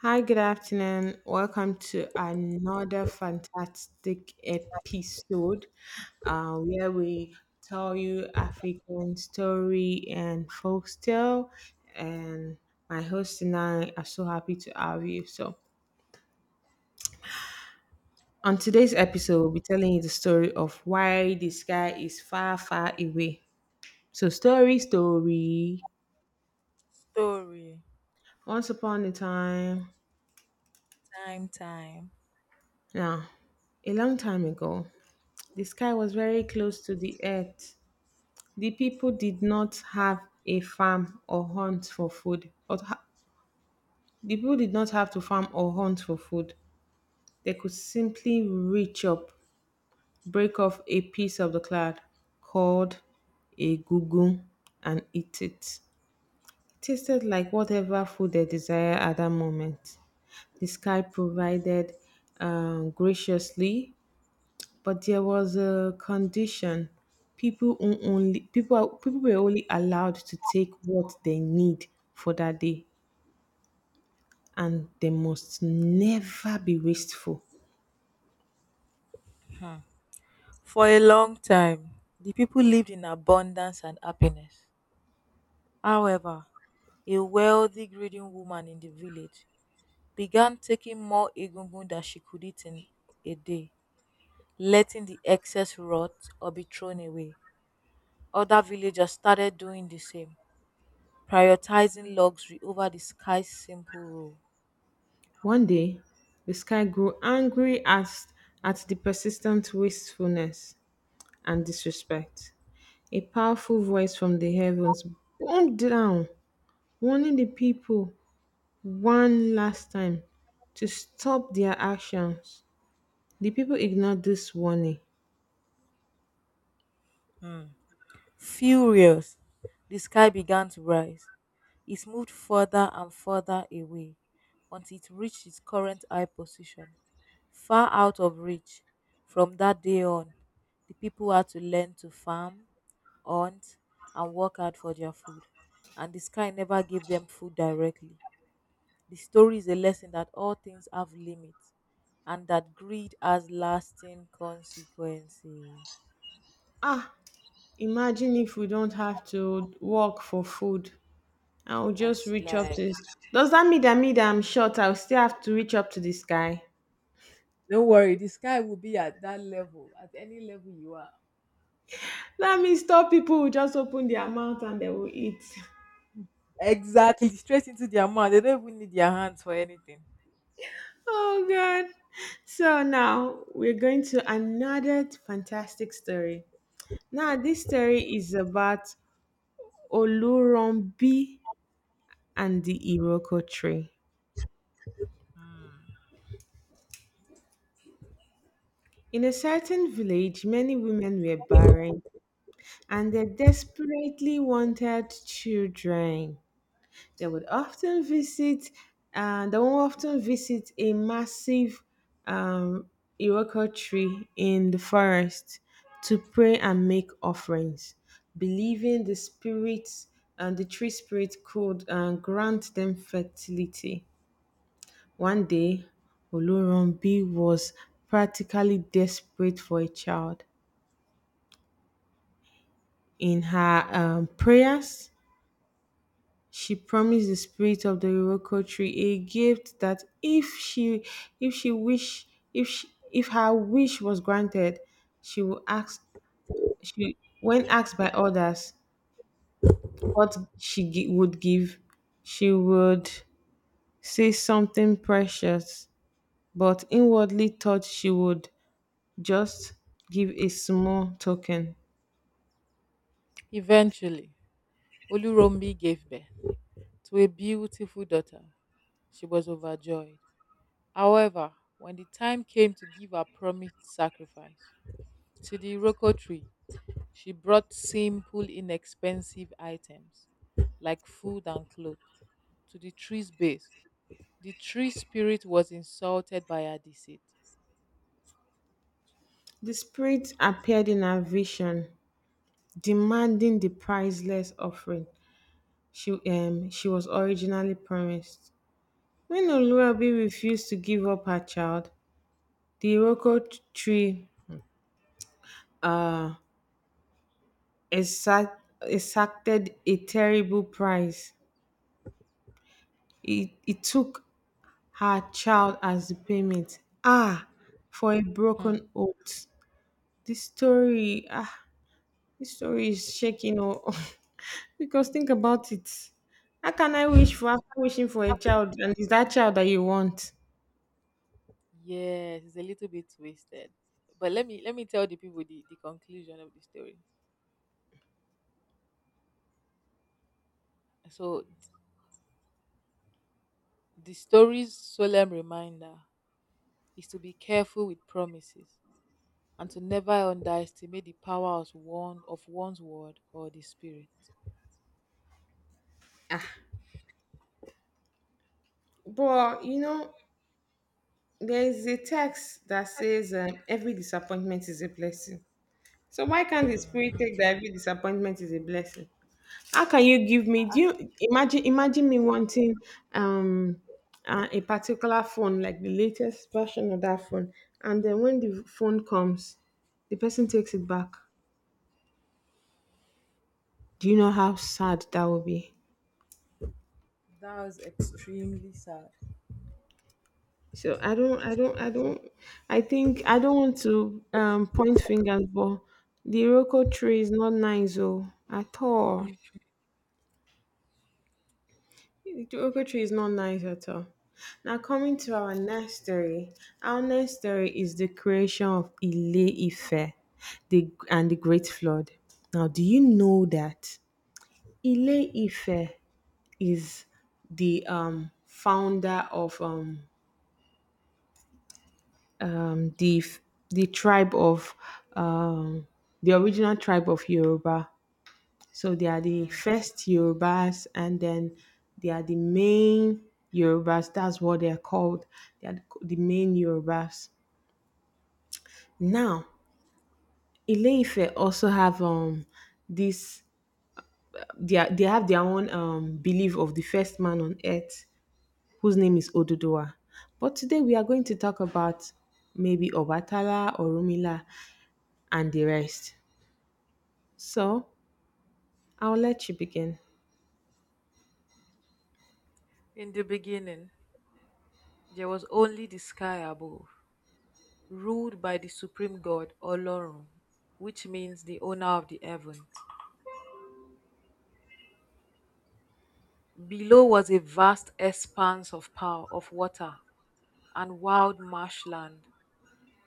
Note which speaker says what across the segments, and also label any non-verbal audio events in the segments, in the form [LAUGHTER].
Speaker 1: Hi, good afternoon. Welcome to another fantastic episode where we tell you African story and folktale. And my host and I are so happy to have you. So, on today's episode, we'll be telling you the story of why the sky is far, far away. So, story, story.
Speaker 2: Story.
Speaker 1: Once upon a time,
Speaker 2: Time, time.
Speaker 1: now, a long time ago, the sky was very close to the earth. The people did not have a farm or hunt for food. The people did not have to farm or hunt for food. They could simply reach up, break off a piece of the cloud called a gugu and eat it. It tasted like whatever food they desired at that moment. The sky provided graciously. But there was a condition. People were only allowed to take what they need for that day, and they must never be wasteful.
Speaker 2: um for a long time, the people lived in abundance and happiness. However, a wealthy, greedy woman in the village began taking more egungun than she could eat in a day, letting the excess rot or be thrown away. Other villagers started doing the same, prioritizing luxury over the sky's simple rule.
Speaker 1: One day, the sky grew angry at the persistent wastefulness and disrespect. A powerful voice from the heavens boomed down, warning the people one last time to stop their actions. The people ignored this warning.
Speaker 2: um Furious, the sky began to rise. It moved further and further away until it reached its current high position, far out of reach. From that day on, the people had to learn to farm, hunt, and work hard for their food, and the sky never gave them food directly. The story is a lesson that all things have limits and that greed has lasting consequences.
Speaker 1: Ah, imagine if we don't have to work for food. I'll just reach up
Speaker 2: Like,
Speaker 1: to this. Does that mean that I'm short? I'll still have to reach up to the sky.
Speaker 2: don't worry, the sky will be at that level, at any level you are.
Speaker 1: That means top people will just open their mouth and they will eat. [LAUGHS]
Speaker 2: Exactly, straight into their mouth. They don't even need their hands for anything.
Speaker 1: Oh god. So now we're going to another fantastic story. Now this story is about Olurunbi and the Iroko tree. In a certain village, many women were barren and they desperately wanted children. They would often visit, they would often visit a massive um, Iroko tree in the forest to pray and make offerings, believing the spirits and the tree spirit could grant them fertility. One day, Olorunbi was practically desperate for a child. In her prayers, she promised the spirit of the Iroko tree a gift that if she wish if she, if her wish was granted, she would ask she, when asked by others what would give, she would say something precious, but inwardly thought she would just give a small token.
Speaker 2: Eventually, Olurombi gave birth to a beautiful daughter. She was overjoyed. However, when the time came to give her promised sacrifice to the Iroko tree, she brought simple, inexpensive items like food and clothes to the tree's base. The tree spirit was insulted by her deceit.
Speaker 1: The spirit appeared in her vision, demanding the priceless offering she was originally promised. When Olurabi refused to give up her child, the Iroko tree uh, exacted a terrible price. It took her child as the payment. Ah, for a
Speaker 2: Hmm.
Speaker 1: broken oath. This story, ah, this story is shaking. Oh, [LAUGHS] because think about it. How can I wish for after wishing for a child and it's that child that you want?
Speaker 2: Yes, it's a little bit twisted. But let me tell the people the conclusion of the story. So the story's solemn reminder is to be careful with promises and to never underestimate the power of one's word or the spirit.
Speaker 1: Ah, but you know, there is a text that says every disappointment is a blessing. So why can't the spirit take that every disappointment is a blessing? How can you give me? Do you imagine? Imagine me wanting um a particular phone, like the latest version of that phone, and then when the phone comes, the person takes it back. Do you know how sad that will be?
Speaker 2: That was extremely sad.
Speaker 1: So I think I don't want to point fingers, but the Iroko tree is not nice, oh, at all. The Iroko tree is not nice at all. Now coming to our next story. Our next story is the creation of Ile Ife, the and the Great Flood. Now, do you know that Ile Ife is the founder of um, the f- the tribe of um, the original tribe of Yoruba. So they are the first Yorubas, and then they are the main Yorubas. That's what they are called. They are the main Yorubas. Now, Ile-Ife also have this. They have their own belief of the first man on earth, whose name is Oduduwa. But today we are going to talk about maybe Obatala, Orumila, and the rest. So I'll let you begin.
Speaker 2: In the beginning, there was only the sky above, ruled by the supreme god Olorun, which means the owner of the heaven. Below was a vast expanse of power of water and wild marshland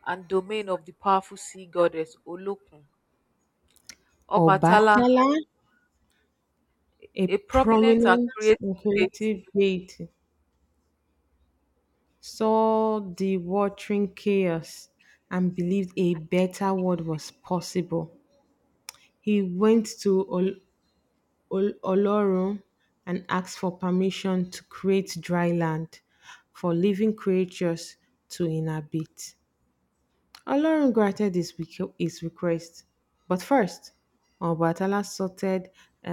Speaker 2: and domain of the powerful sea goddess Olokun. Obatala,
Speaker 1: Obatala, a
Speaker 2: a prominent and
Speaker 1: prominent
Speaker 2: creative
Speaker 1: authoritative
Speaker 2: deity,
Speaker 1: deity, saw the watering chaos and believed a better world was possible. He went to Olorun and asked for permission to create dry land for living creatures to inhabit. Ọlọ́run granted his request, but first, Ọbàtálá sought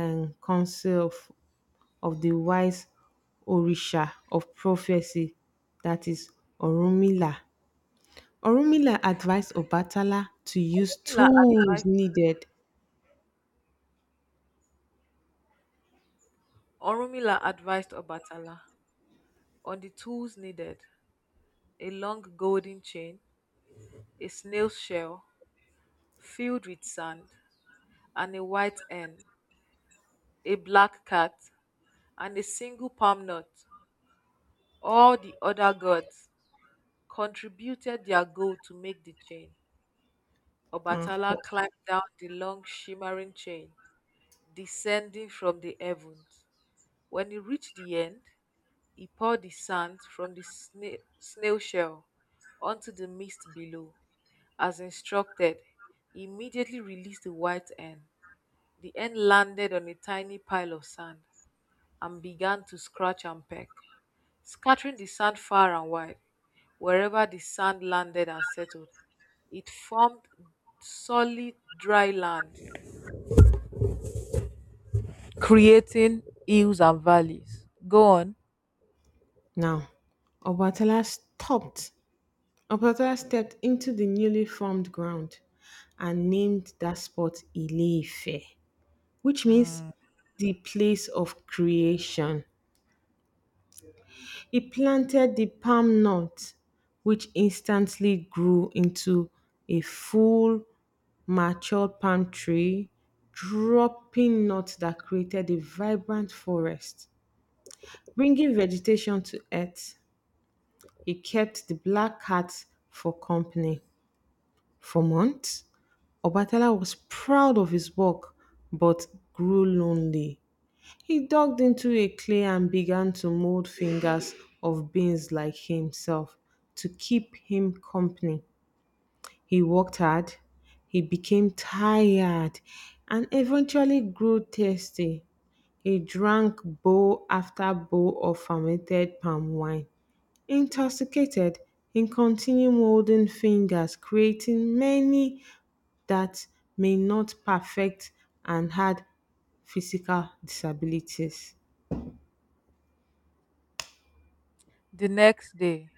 Speaker 1: and counsel of the wise Orisha of prophecy, that is, Orunmila. Orunmila advised Ọbàtálá to use
Speaker 2: Orunmila
Speaker 1: tools
Speaker 2: advised,
Speaker 1: needed.
Speaker 2: Orunmila advised Obatala on the tools needed: a long golden chain, a snail shell filled with sand, and a white hen, a black cat, and a single palm nut. All the other gods contributed their goal to make the chain.
Speaker 1: Now,
Speaker 2: Obatala climbed down the long shimmering chain, descending from the heavens. When he reached the end, he poured the sand from the snail shell onto the mist below. As instructed, he immediately released the white end. The end landed on a tiny pile of sand and began to scratch and peck, scattering the sand far and wide wherever the sand landed and settled. It formed solid dry land, creating hills and valleys. Go on.
Speaker 1: now Ọbàtálá stopped. Ọbàtálá stepped into the newly formed ground and named that spot Ile-Ife, which means
Speaker 2: Mm.
Speaker 1: the place of creation. He planted the palm nut, which instantly grew into a full, mature palm tree, dropping nuts that created a vibrant forest. Bringing vegetation to earth, he kept the black cat for company. For months, Obatala was proud of his work but grew lonely. He dug into a clay and began to mold fingers of beings like himself to keep him company. He worked hard, he became tired, and eventually grew thirsty. He drank bowl after bowl of fermented palm wine. Intoxicated, he continued molding fingers, creating many that may not perfect and had physical disabilities.
Speaker 2: The next day,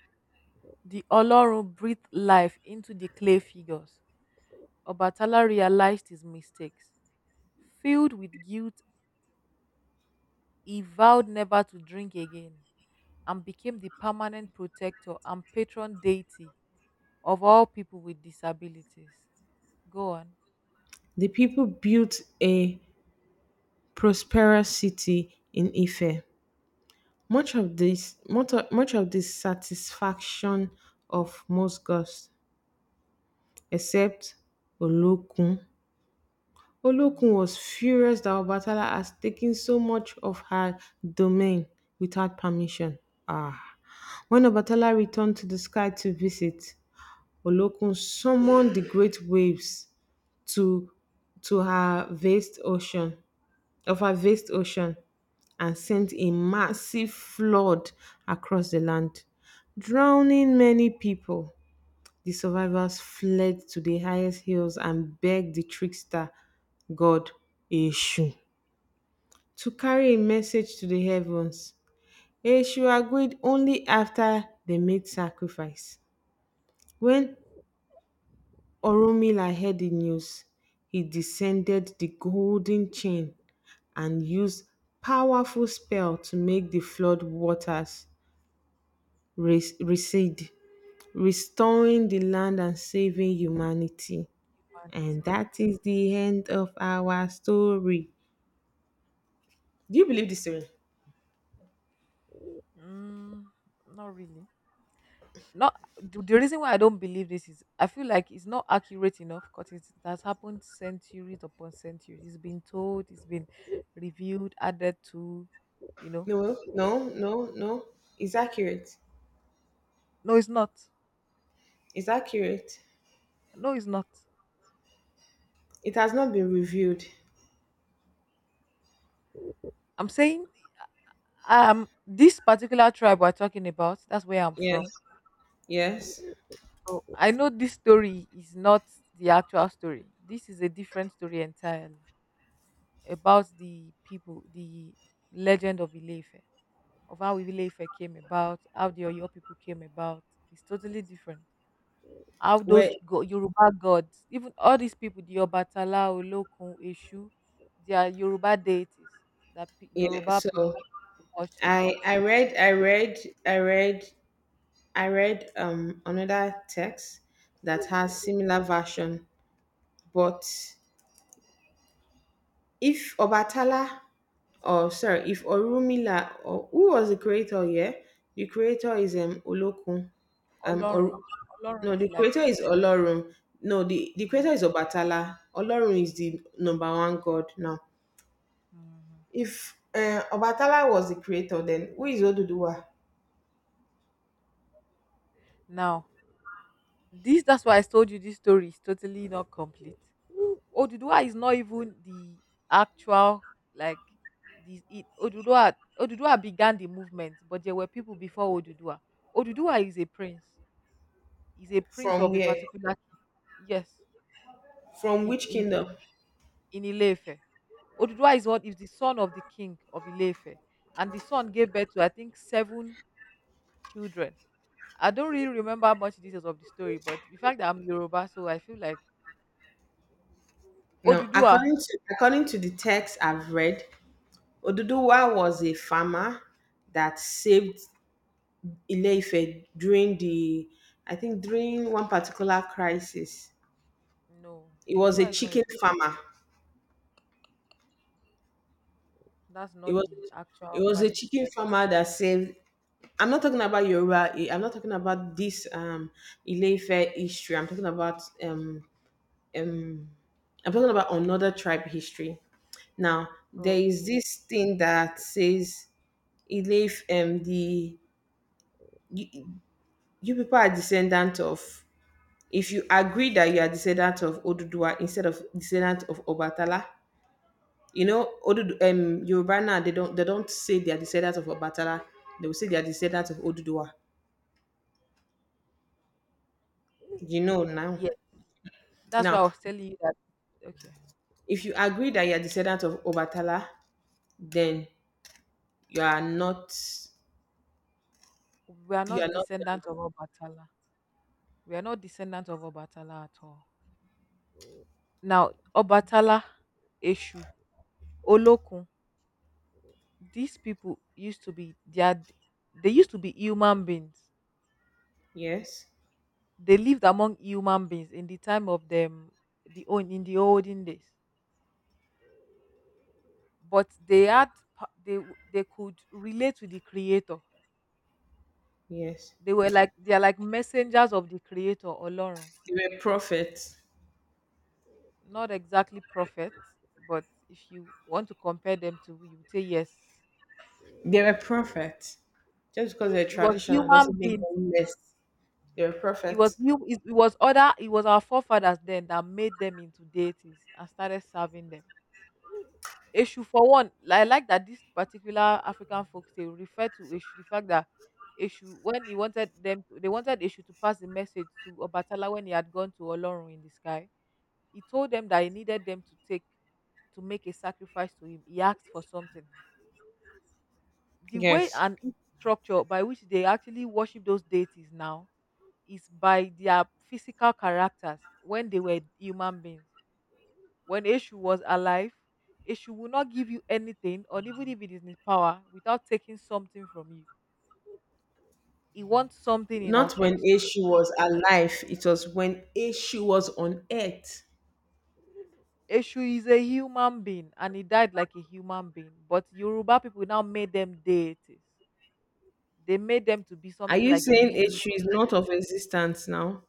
Speaker 2: the Olorun breathed life into the clay figures. Obatala realized his mistakes. Filled with guilt, he vowed never to drink again and became the permanent protector and patron deity of all people with disabilities. Go on.
Speaker 1: The people built a prosperous city in Ife. Much of the satisfaction of most gods, except Olokun. Olokun was furious that Obatala has taken so much of her domain without permission. Ah. When Obatala returned to the sky to visit, Olokun summoned the great waves to to her vast ocean of her vast ocean and sent a massive flood across the land, drowning many people. The survivors fled to the highest hills and begged the trickster god Eshu to carry a message to the heavens. Eshu agreed only after they made sacrifice. When Oromila heard the news, he descended the golden chain and used powerful spell to make the flood waters recede, restoring the land and saving humanity. And
Speaker 2: Mm.
Speaker 1: that is the end of our story. Do you believe this story?
Speaker 2: Mm, not really. Not the reason why I don't believe this is I feel like it's not accurate enough because it has happened centuries upon centuries. It's been told, it's been reviewed, added to, you know.
Speaker 1: No, no, no, no. It's accurate.
Speaker 2: No, it's not.
Speaker 1: It's accurate.
Speaker 2: No, it's not.
Speaker 1: It has not been reviewed.
Speaker 2: I'm saying this particular tribe we're talking about, that's where I'm
Speaker 1: Yes,
Speaker 2: from.
Speaker 1: yes.
Speaker 2: So I know this story is not the actual story. This is a different story entirely about the people, the legend of Ilefe, of how Ibile came about, how the Oyo people came about. It's totally different. How those
Speaker 1: Well,
Speaker 2: Yoruba gods, even all these people, the Obatala, Olokun, Eshu, they are Yoruba deities that
Speaker 1: yeah.
Speaker 2: Yoruba
Speaker 1: So
Speaker 2: people worship.
Speaker 1: I I read I read I read I read another text that has similar version, but if Obatala, or sorry, if Orumila, or who was the creator? Yeah, the creator is Olokun, um, or
Speaker 2: Olorun, Olorun
Speaker 1: no,
Speaker 2: is
Speaker 1: the
Speaker 2: like,
Speaker 1: creator is Olorun. No, the
Speaker 2: yeah.
Speaker 1: creator is Obatala. Olorun is the number one god now.
Speaker 2: Mhm.
Speaker 1: If Obatala was the creator, then who is Oduduwa?
Speaker 2: Now, this that's why I told you this story is totally not complete. Oduduwa is not even the actual, like, the it Oduduwa Oduduwa began the movement, but there were people before Oduduwa. Oduduwa is a prince. He's a prince
Speaker 1: From
Speaker 2: of a
Speaker 1: where?
Speaker 2: particular king. Yes,
Speaker 1: From
Speaker 2: in
Speaker 1: which
Speaker 2: in
Speaker 1: kingdom?
Speaker 2: in Ilefe. Oduduwa is the son of the king of Ilefe, and the son gave birth to I think seven children. I don't really remember much details of the story, but the fact that I'm Yoruba, so I feel like
Speaker 1: Now,
Speaker 2: Oduduwa.
Speaker 1: according to the text I've read, Oduduwa was a farmer that saved ile during the, I think during one particular crisis.
Speaker 2: No,
Speaker 1: It was a
Speaker 2: Oduduwa is not a
Speaker 1: chicken farmer.
Speaker 2: that's
Speaker 1: It
Speaker 2: not
Speaker 1: was
Speaker 2: the
Speaker 1: it
Speaker 2: actual
Speaker 1: was a
Speaker 2: valid
Speaker 1: chicken
Speaker 2: story.
Speaker 1: farmer that saved. I'm not talking about Yoruba. Eh, I'm not talking about this ile history. Um I'm talking about another tribe history. Now there is
Speaker 2: Okay.
Speaker 1: this thing that says Ile-Ife the you, you people are descendant of. If you agree that you are descendant of Odudua instead of descendant of Obatala, you know, Odudu, Yoruba now, they don't say they are descendant of Obatala. They will say they are descendant of Odudua. You know now.
Speaker 2: Yes. That's why
Speaker 1: Now,
Speaker 2: I was telling you that, okay.
Speaker 1: if you agree that you are descendant of Obatala, then you are not,
Speaker 2: We are
Speaker 1: you are
Speaker 2: not
Speaker 1: not,
Speaker 2: descendants of Obatala. We are not descendants of Obatala at all. Now, Obatala, Eshu, Olokun, these people used to be they are, they used to be human beings.
Speaker 1: yes,
Speaker 2: They lived among human beings in the time of the old in the olden days. But they had pa- they w- they could relate to the creator.
Speaker 1: yes.
Speaker 2: They are like messengers of the creator Olorun.
Speaker 1: They were prophets.
Speaker 2: Not exactly prophets, but if you want to compare them to, you would say yes.
Speaker 1: They were prophets. Just because they're
Speaker 2: It was
Speaker 1: traditional
Speaker 2: human
Speaker 1: doesn't make
Speaker 2: beings.
Speaker 1: them less. They're
Speaker 2: It was
Speaker 1: prophets.
Speaker 2: our forefathers then that made them into deities and started serving them. Eshu for one, I like that this particular African folktale refer to Eshu, the fact that Eshu when he wanted them to, they wanted Eshu to pass the message to Obatala when he had gone to Olorun in the sky. He told them that he needed them to make a sacrifice to him. He asked for something. The way
Speaker 1: Yes.
Speaker 2: structure by which they actually worship those deities now is by their physical characters when they were human beings. When Eshu was alive, Eshu will not give you anything, or even if it is in his power, without taking something from you. He wants something in an
Speaker 1: Not when
Speaker 2: exchange.
Speaker 1: Eshu was alive, it was when Eshu was on earth.
Speaker 2: Eshu is a human being and he died like a human being. But Yoruba people now made them deities. They made them to be
Speaker 1: Are
Speaker 2: something
Speaker 1: you
Speaker 2: like a
Speaker 1: saying
Speaker 2: mini
Speaker 1: Eshu
Speaker 2: god.
Speaker 1: is not of existence now?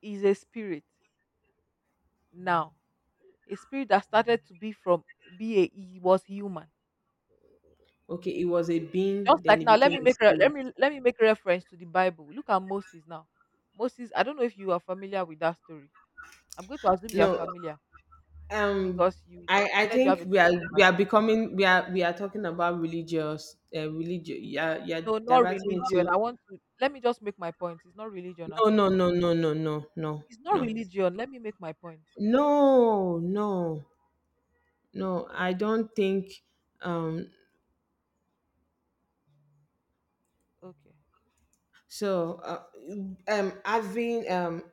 Speaker 2: He's a spirit now. A spirit that started to be from be a he was human.
Speaker 1: Okay, it was a being,
Speaker 2: Just
Speaker 1: then
Speaker 2: like
Speaker 1: it
Speaker 2: now,
Speaker 1: became
Speaker 2: let me
Speaker 1: a
Speaker 2: make re-
Speaker 1: spirit.
Speaker 2: let me make reference to the Bible. Look at Moses now. Moses, I don't know if you are familiar with that story. I'm going to assume you are
Speaker 1: No,
Speaker 2: familiar
Speaker 1: um,
Speaker 2: because you
Speaker 1: I
Speaker 2: said you have
Speaker 1: think
Speaker 2: a
Speaker 1: we are
Speaker 2: Christian
Speaker 1: we are
Speaker 2: background.
Speaker 1: becoming we are we are talking about religious religion. Yeah, you're
Speaker 2: No, not
Speaker 1: diverting
Speaker 2: religion. I
Speaker 1: into
Speaker 2: want to let me just make my point. It's not religion
Speaker 1: no
Speaker 2: at
Speaker 1: no
Speaker 2: all.
Speaker 1: no no no no no
Speaker 2: It's not
Speaker 1: no
Speaker 2: religion. Let me make my point.
Speaker 1: no no no. I don't think um
Speaker 2: Okay.
Speaker 1: so having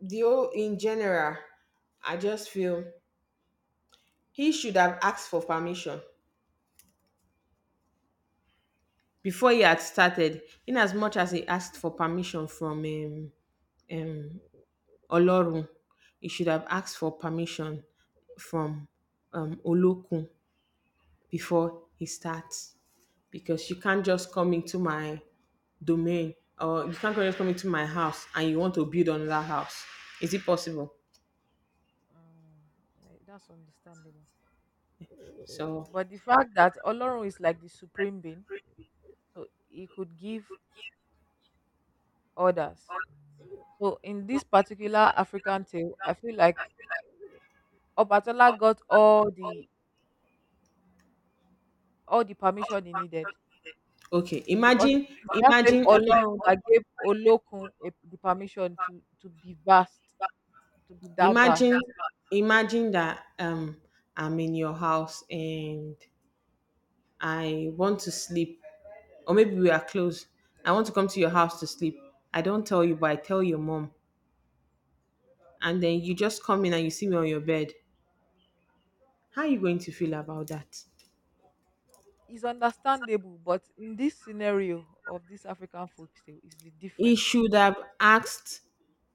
Speaker 1: the whole in general, I just feel he should have asked for permission before he had started, in as much as he asked for permission from um, Olorun. He should have asked for permission from Olokun before he starts because you can't just come into my domain, or you can't just come into my house and you want to build another house. Is it possible?
Speaker 2: Um, that's understandable.
Speaker 1: So
Speaker 2: But the fact that Olorun is like the supreme being, so he could give orders. So in this particular African tale, I feel like Obatola got all the permission he needed
Speaker 1: okay,
Speaker 2: because it's that same
Speaker 1: imagine, ima-
Speaker 2: Olorun that gave Olokun the permission to be vast, to be that vast.
Speaker 1: imagine, imagine that I'm in your house and I want to sleep, or maybe we are close. I want to come to your house to sleep. I don't tell you, but I tell your mom, and then you just come in and you see me on your bed. How are you going to feel about that?
Speaker 2: It's understandable, but in this scenario of this African folktale, is the
Speaker 1: He
Speaker 2: different
Speaker 1: should have asked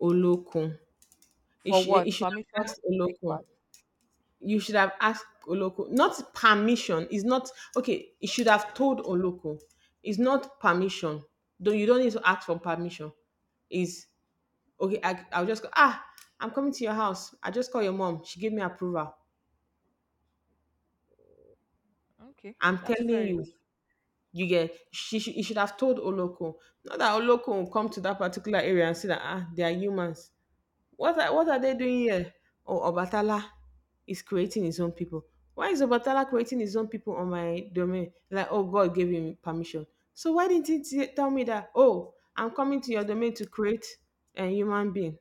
Speaker 1: Olokun. He,
Speaker 2: for
Speaker 1: sh- he
Speaker 2: what
Speaker 1: should have
Speaker 2: permission to
Speaker 1: asked
Speaker 2: take
Speaker 1: Olokun.
Speaker 2: part.
Speaker 1: You should have asked Oloko. Not permission. It's not okay. You should have told Oloko. It's not permission. Though you don't need to ask for permission. Is okay. I'll just go. Ah, I'm coming to your house. I just call your mom. She gave me approval.
Speaker 2: Okay,
Speaker 1: I'm
Speaker 2: that's
Speaker 1: telling
Speaker 2: fair
Speaker 1: you.
Speaker 2: enough.
Speaker 1: You get. She should. You should have told Oloko. Not that Oloko will come to that particular area and see that they are humans. What are they doing here? Oh, Obatala is creating his own people. Why is Obatala creating his own people on my domain? Like, oh, God gave him permission. So why didn't he tell me that? Oh, I'm coming to your domain to create a human being.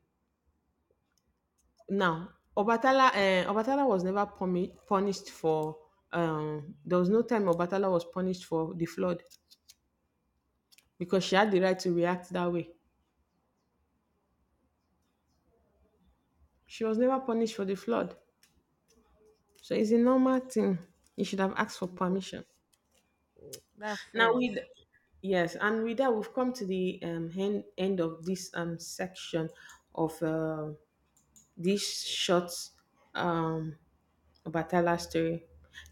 Speaker 1: Now,
Speaker 2: Mm,
Speaker 1: Obatala was never punished for. There was no time Obatala was punished for the flood because she had the right to react that way. She was never punished for the flood, so it's a normal thing. You should have asked for
Speaker 2: oh, yeah,
Speaker 1: permission.
Speaker 2: that's
Speaker 1: Now
Speaker 2: fair
Speaker 1: with
Speaker 2: enough.
Speaker 1: yes, and with that we've come to the end of this section of this short um Obatala story.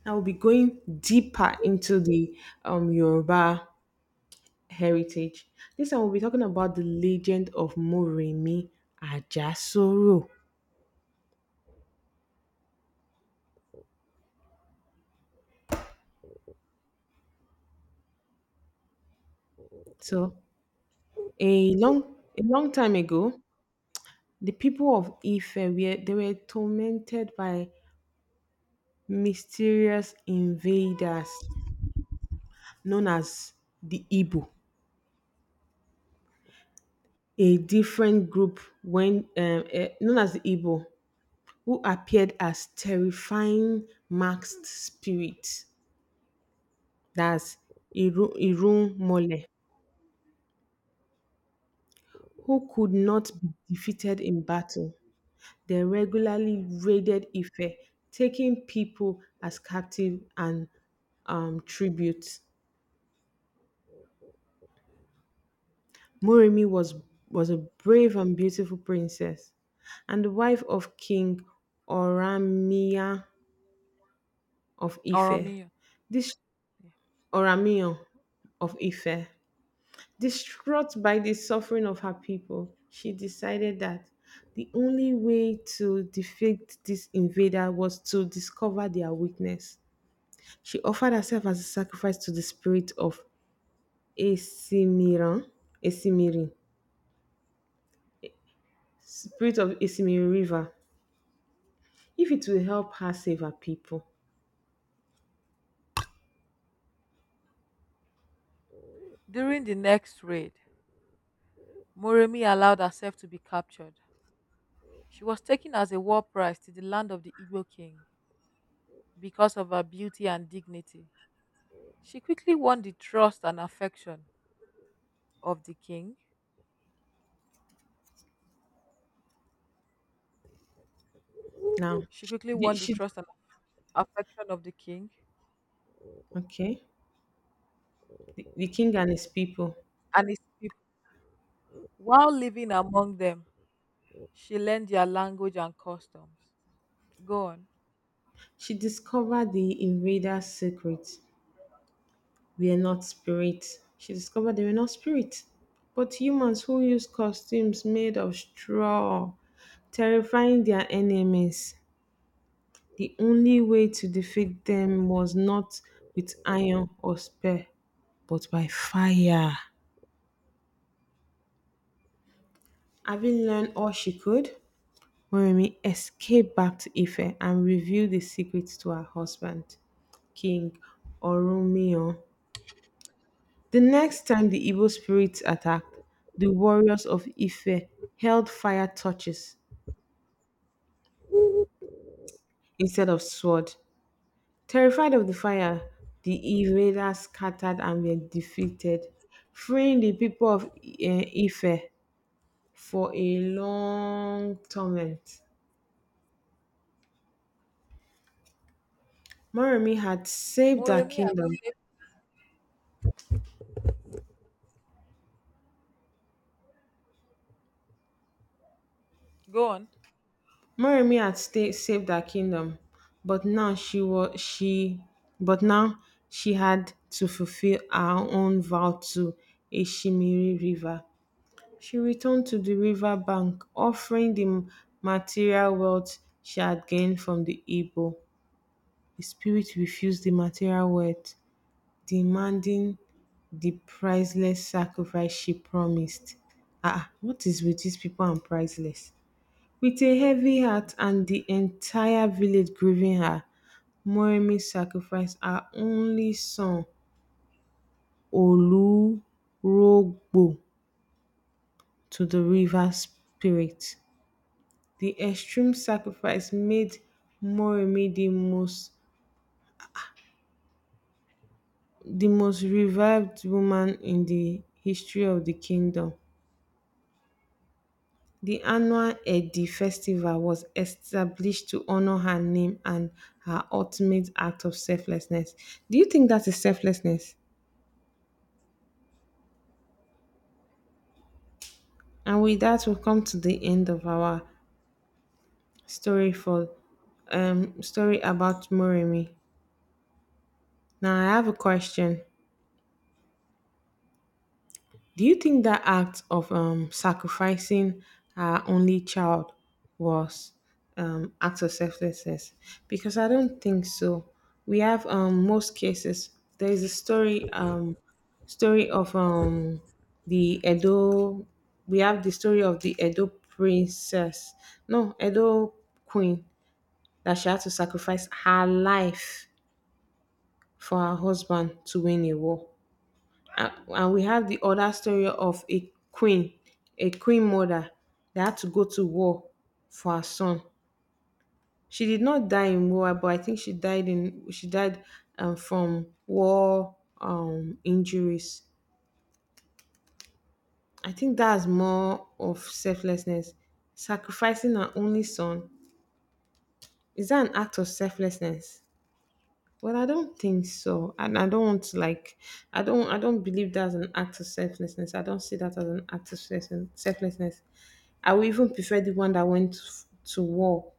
Speaker 1: Now we'll be going deeper into the Yoruba heritage. This time we'll be talking about the legend of Moremi Ajasoro. So a long time ago, the people of Ife were tormented by mysterious invaders known as the Igbo, a different group known as the Igbo, who appeared as terrifying masked spirits, that's Irun Mole, who could not be defeated in battle. They regularly raided Ife, taking people as captive and tribute. Moremi was a brave and beautiful princess and the wife of King Oramiya of Ife,
Speaker 2: Oromia.
Speaker 1: this
Speaker 2: Yeah,
Speaker 1: Oramion of Ife.
Speaker 2: yeah.
Speaker 1: Distraught by the suffering of her people, she decided that the only way to defeat this invader was to discover their weakness. She offered herself as a sacrifice to the spirit of Esimiran, Esimiri, spirit of Esimiri River, if it will help her save her people.
Speaker 2: During the next raid, Moremi allowed herself to be captured. She was taken as a war prize to the land of the Igbo king because of her beauty and dignity. She quickly won the trust and affection of the king.
Speaker 1: Now,
Speaker 2: She quickly won the
Speaker 1: she
Speaker 2: trust and affection of the king
Speaker 1: Okay, the king and his people.
Speaker 2: and his people. While living among them, she learned their language and customs. Go on.
Speaker 1: She discovered the invaders' secret. We are not spirits. She discovered they were not spirits, but humans who use costumes made of straw, terrifying their enemies. The only way to defeat them was not with iron or spear, but by fire. Having learned all she could, Moremi escaped back to Ife and revealed the secret to her husband, King Oromio. The next time the Igbo spirits attacked, the warriors of Ife held fire torches instead of sword. Terrified of the fire, the invaders scattered and were defeated, freeing the people of Ife for a long torment. Moremi had saved her
Speaker 2: Moremi has
Speaker 1: kingdom
Speaker 2: saved. Go on.
Speaker 1: Saved her kingdom, but now she was she but now she had to fulfill her own vow to Eshimiri River. She returned to the river bank, offering the material wealth she had gained from the Igbo. The spirit refused the material wealth, demanding the priceless sacrifice she promised. Ah, ah, what is with these people and priceless? With a heavy heart and the entire village grieving her, Moremi sacrificed her only son Olurogbo to the river spirit. The extreme sacrifice made Moremi the most revered woman in the history of the kingdom. The annual Edi festival was established to honor her name and her ultimate act of selflessness. Do you think that is selflessness? And with that, we come to the end of our story for story about Moremi. Now, I have a question. Do you think that act of sacrificing our only child was act of selflessness? Because I don't think so. We have most cases. There is a story of the Edo. We have the story of the Edo princess. No, Edo queen, that she had to sacrifice her life for her husband to win a war. And we have the other story of a queen mother that had to go to war for her son. She did not die in war, but I think she died from war injuries. I think that's more of selflessness. Sacrificing her only son, is that an act of selflessness? Well, I don't think so, and I don't want to, like, I don't believe that's an act of selflessness. I don't see that as an act of selflessness. I would even prefer the one that went to war,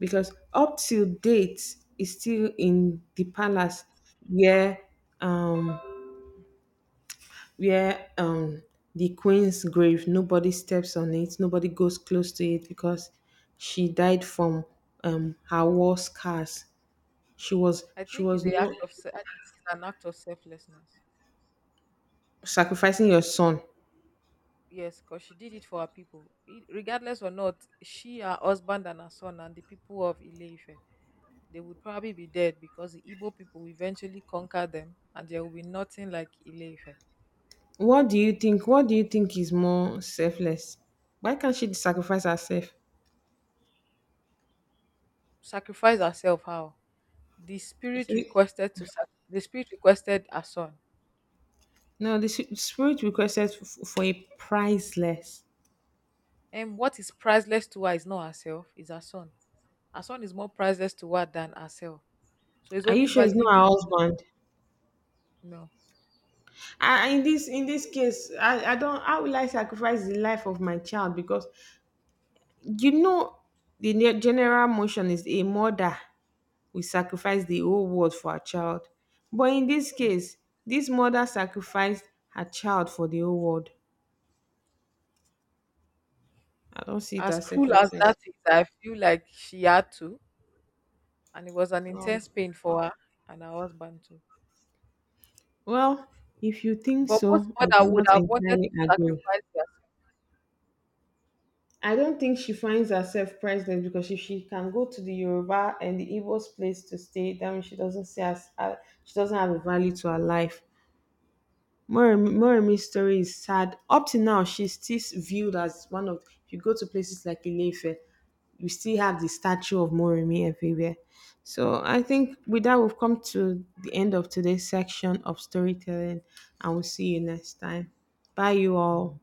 Speaker 1: because up till date is still in the palace where, um, where um the queen's grave. Nobody steps on it. Nobody goes close to it because she died from her war scars. She was not
Speaker 2: I think it's an act of selflessness.
Speaker 1: sacrificing your son.
Speaker 2: Yes, because she did it for her people. Regardless or not, she, her husband, and her son, and the people of Ile-Ife, they would probably be dead because the Igbo people will eventually conquer them, and there will be nothing like Ile-Ife.
Speaker 1: What do you think? What do you think is more selfless? Why can't she sacrifice herself?
Speaker 2: Sacrifice herself, how? The spirit
Speaker 1: She-
Speaker 2: requested her son.
Speaker 1: no, the spirit requested for a priceless.
Speaker 2: And what is priceless to her is not herself, is her son. Her son is more priceless to her than herself. So it's
Speaker 1: Are you
Speaker 2: only
Speaker 1: sure it's
Speaker 2: valid
Speaker 1: not
Speaker 2: if the
Speaker 1: her
Speaker 2: most.
Speaker 1: husband?
Speaker 2: No.
Speaker 1: In this in this case, I don't. How will I sacrifice the life of my child? Because, you know, the general motion is a mother will sacrifice the whole world for her child. But in this case, this mother sacrificed her child for the whole world. I don't see it
Speaker 2: As
Speaker 1: as
Speaker 2: cruel as
Speaker 1: selflessness.
Speaker 2: that is, I feel like she had to, and it was an
Speaker 1: No.
Speaker 2: intense pain for her and her husband too.
Speaker 1: Well, if you think
Speaker 2: But most
Speaker 1: so, I do
Speaker 2: mother would
Speaker 1: not
Speaker 2: have wanted
Speaker 1: entirely
Speaker 2: to
Speaker 1: agree.
Speaker 2: sacrifice their
Speaker 1: I don't think she finds herself priceless because if she can go to the Yoruba and the Igbo's place to stay, that means she doesn't see as she doesn't have a value to her life. Moremi's story is sad. Up to now, she's still viewed as one of. If you go to places like Ilefe, we still have the statue of Morimi everywhere. So I think with that, we've come to the end of today's section of storytelling, and we'll see you next time. Bye, you all.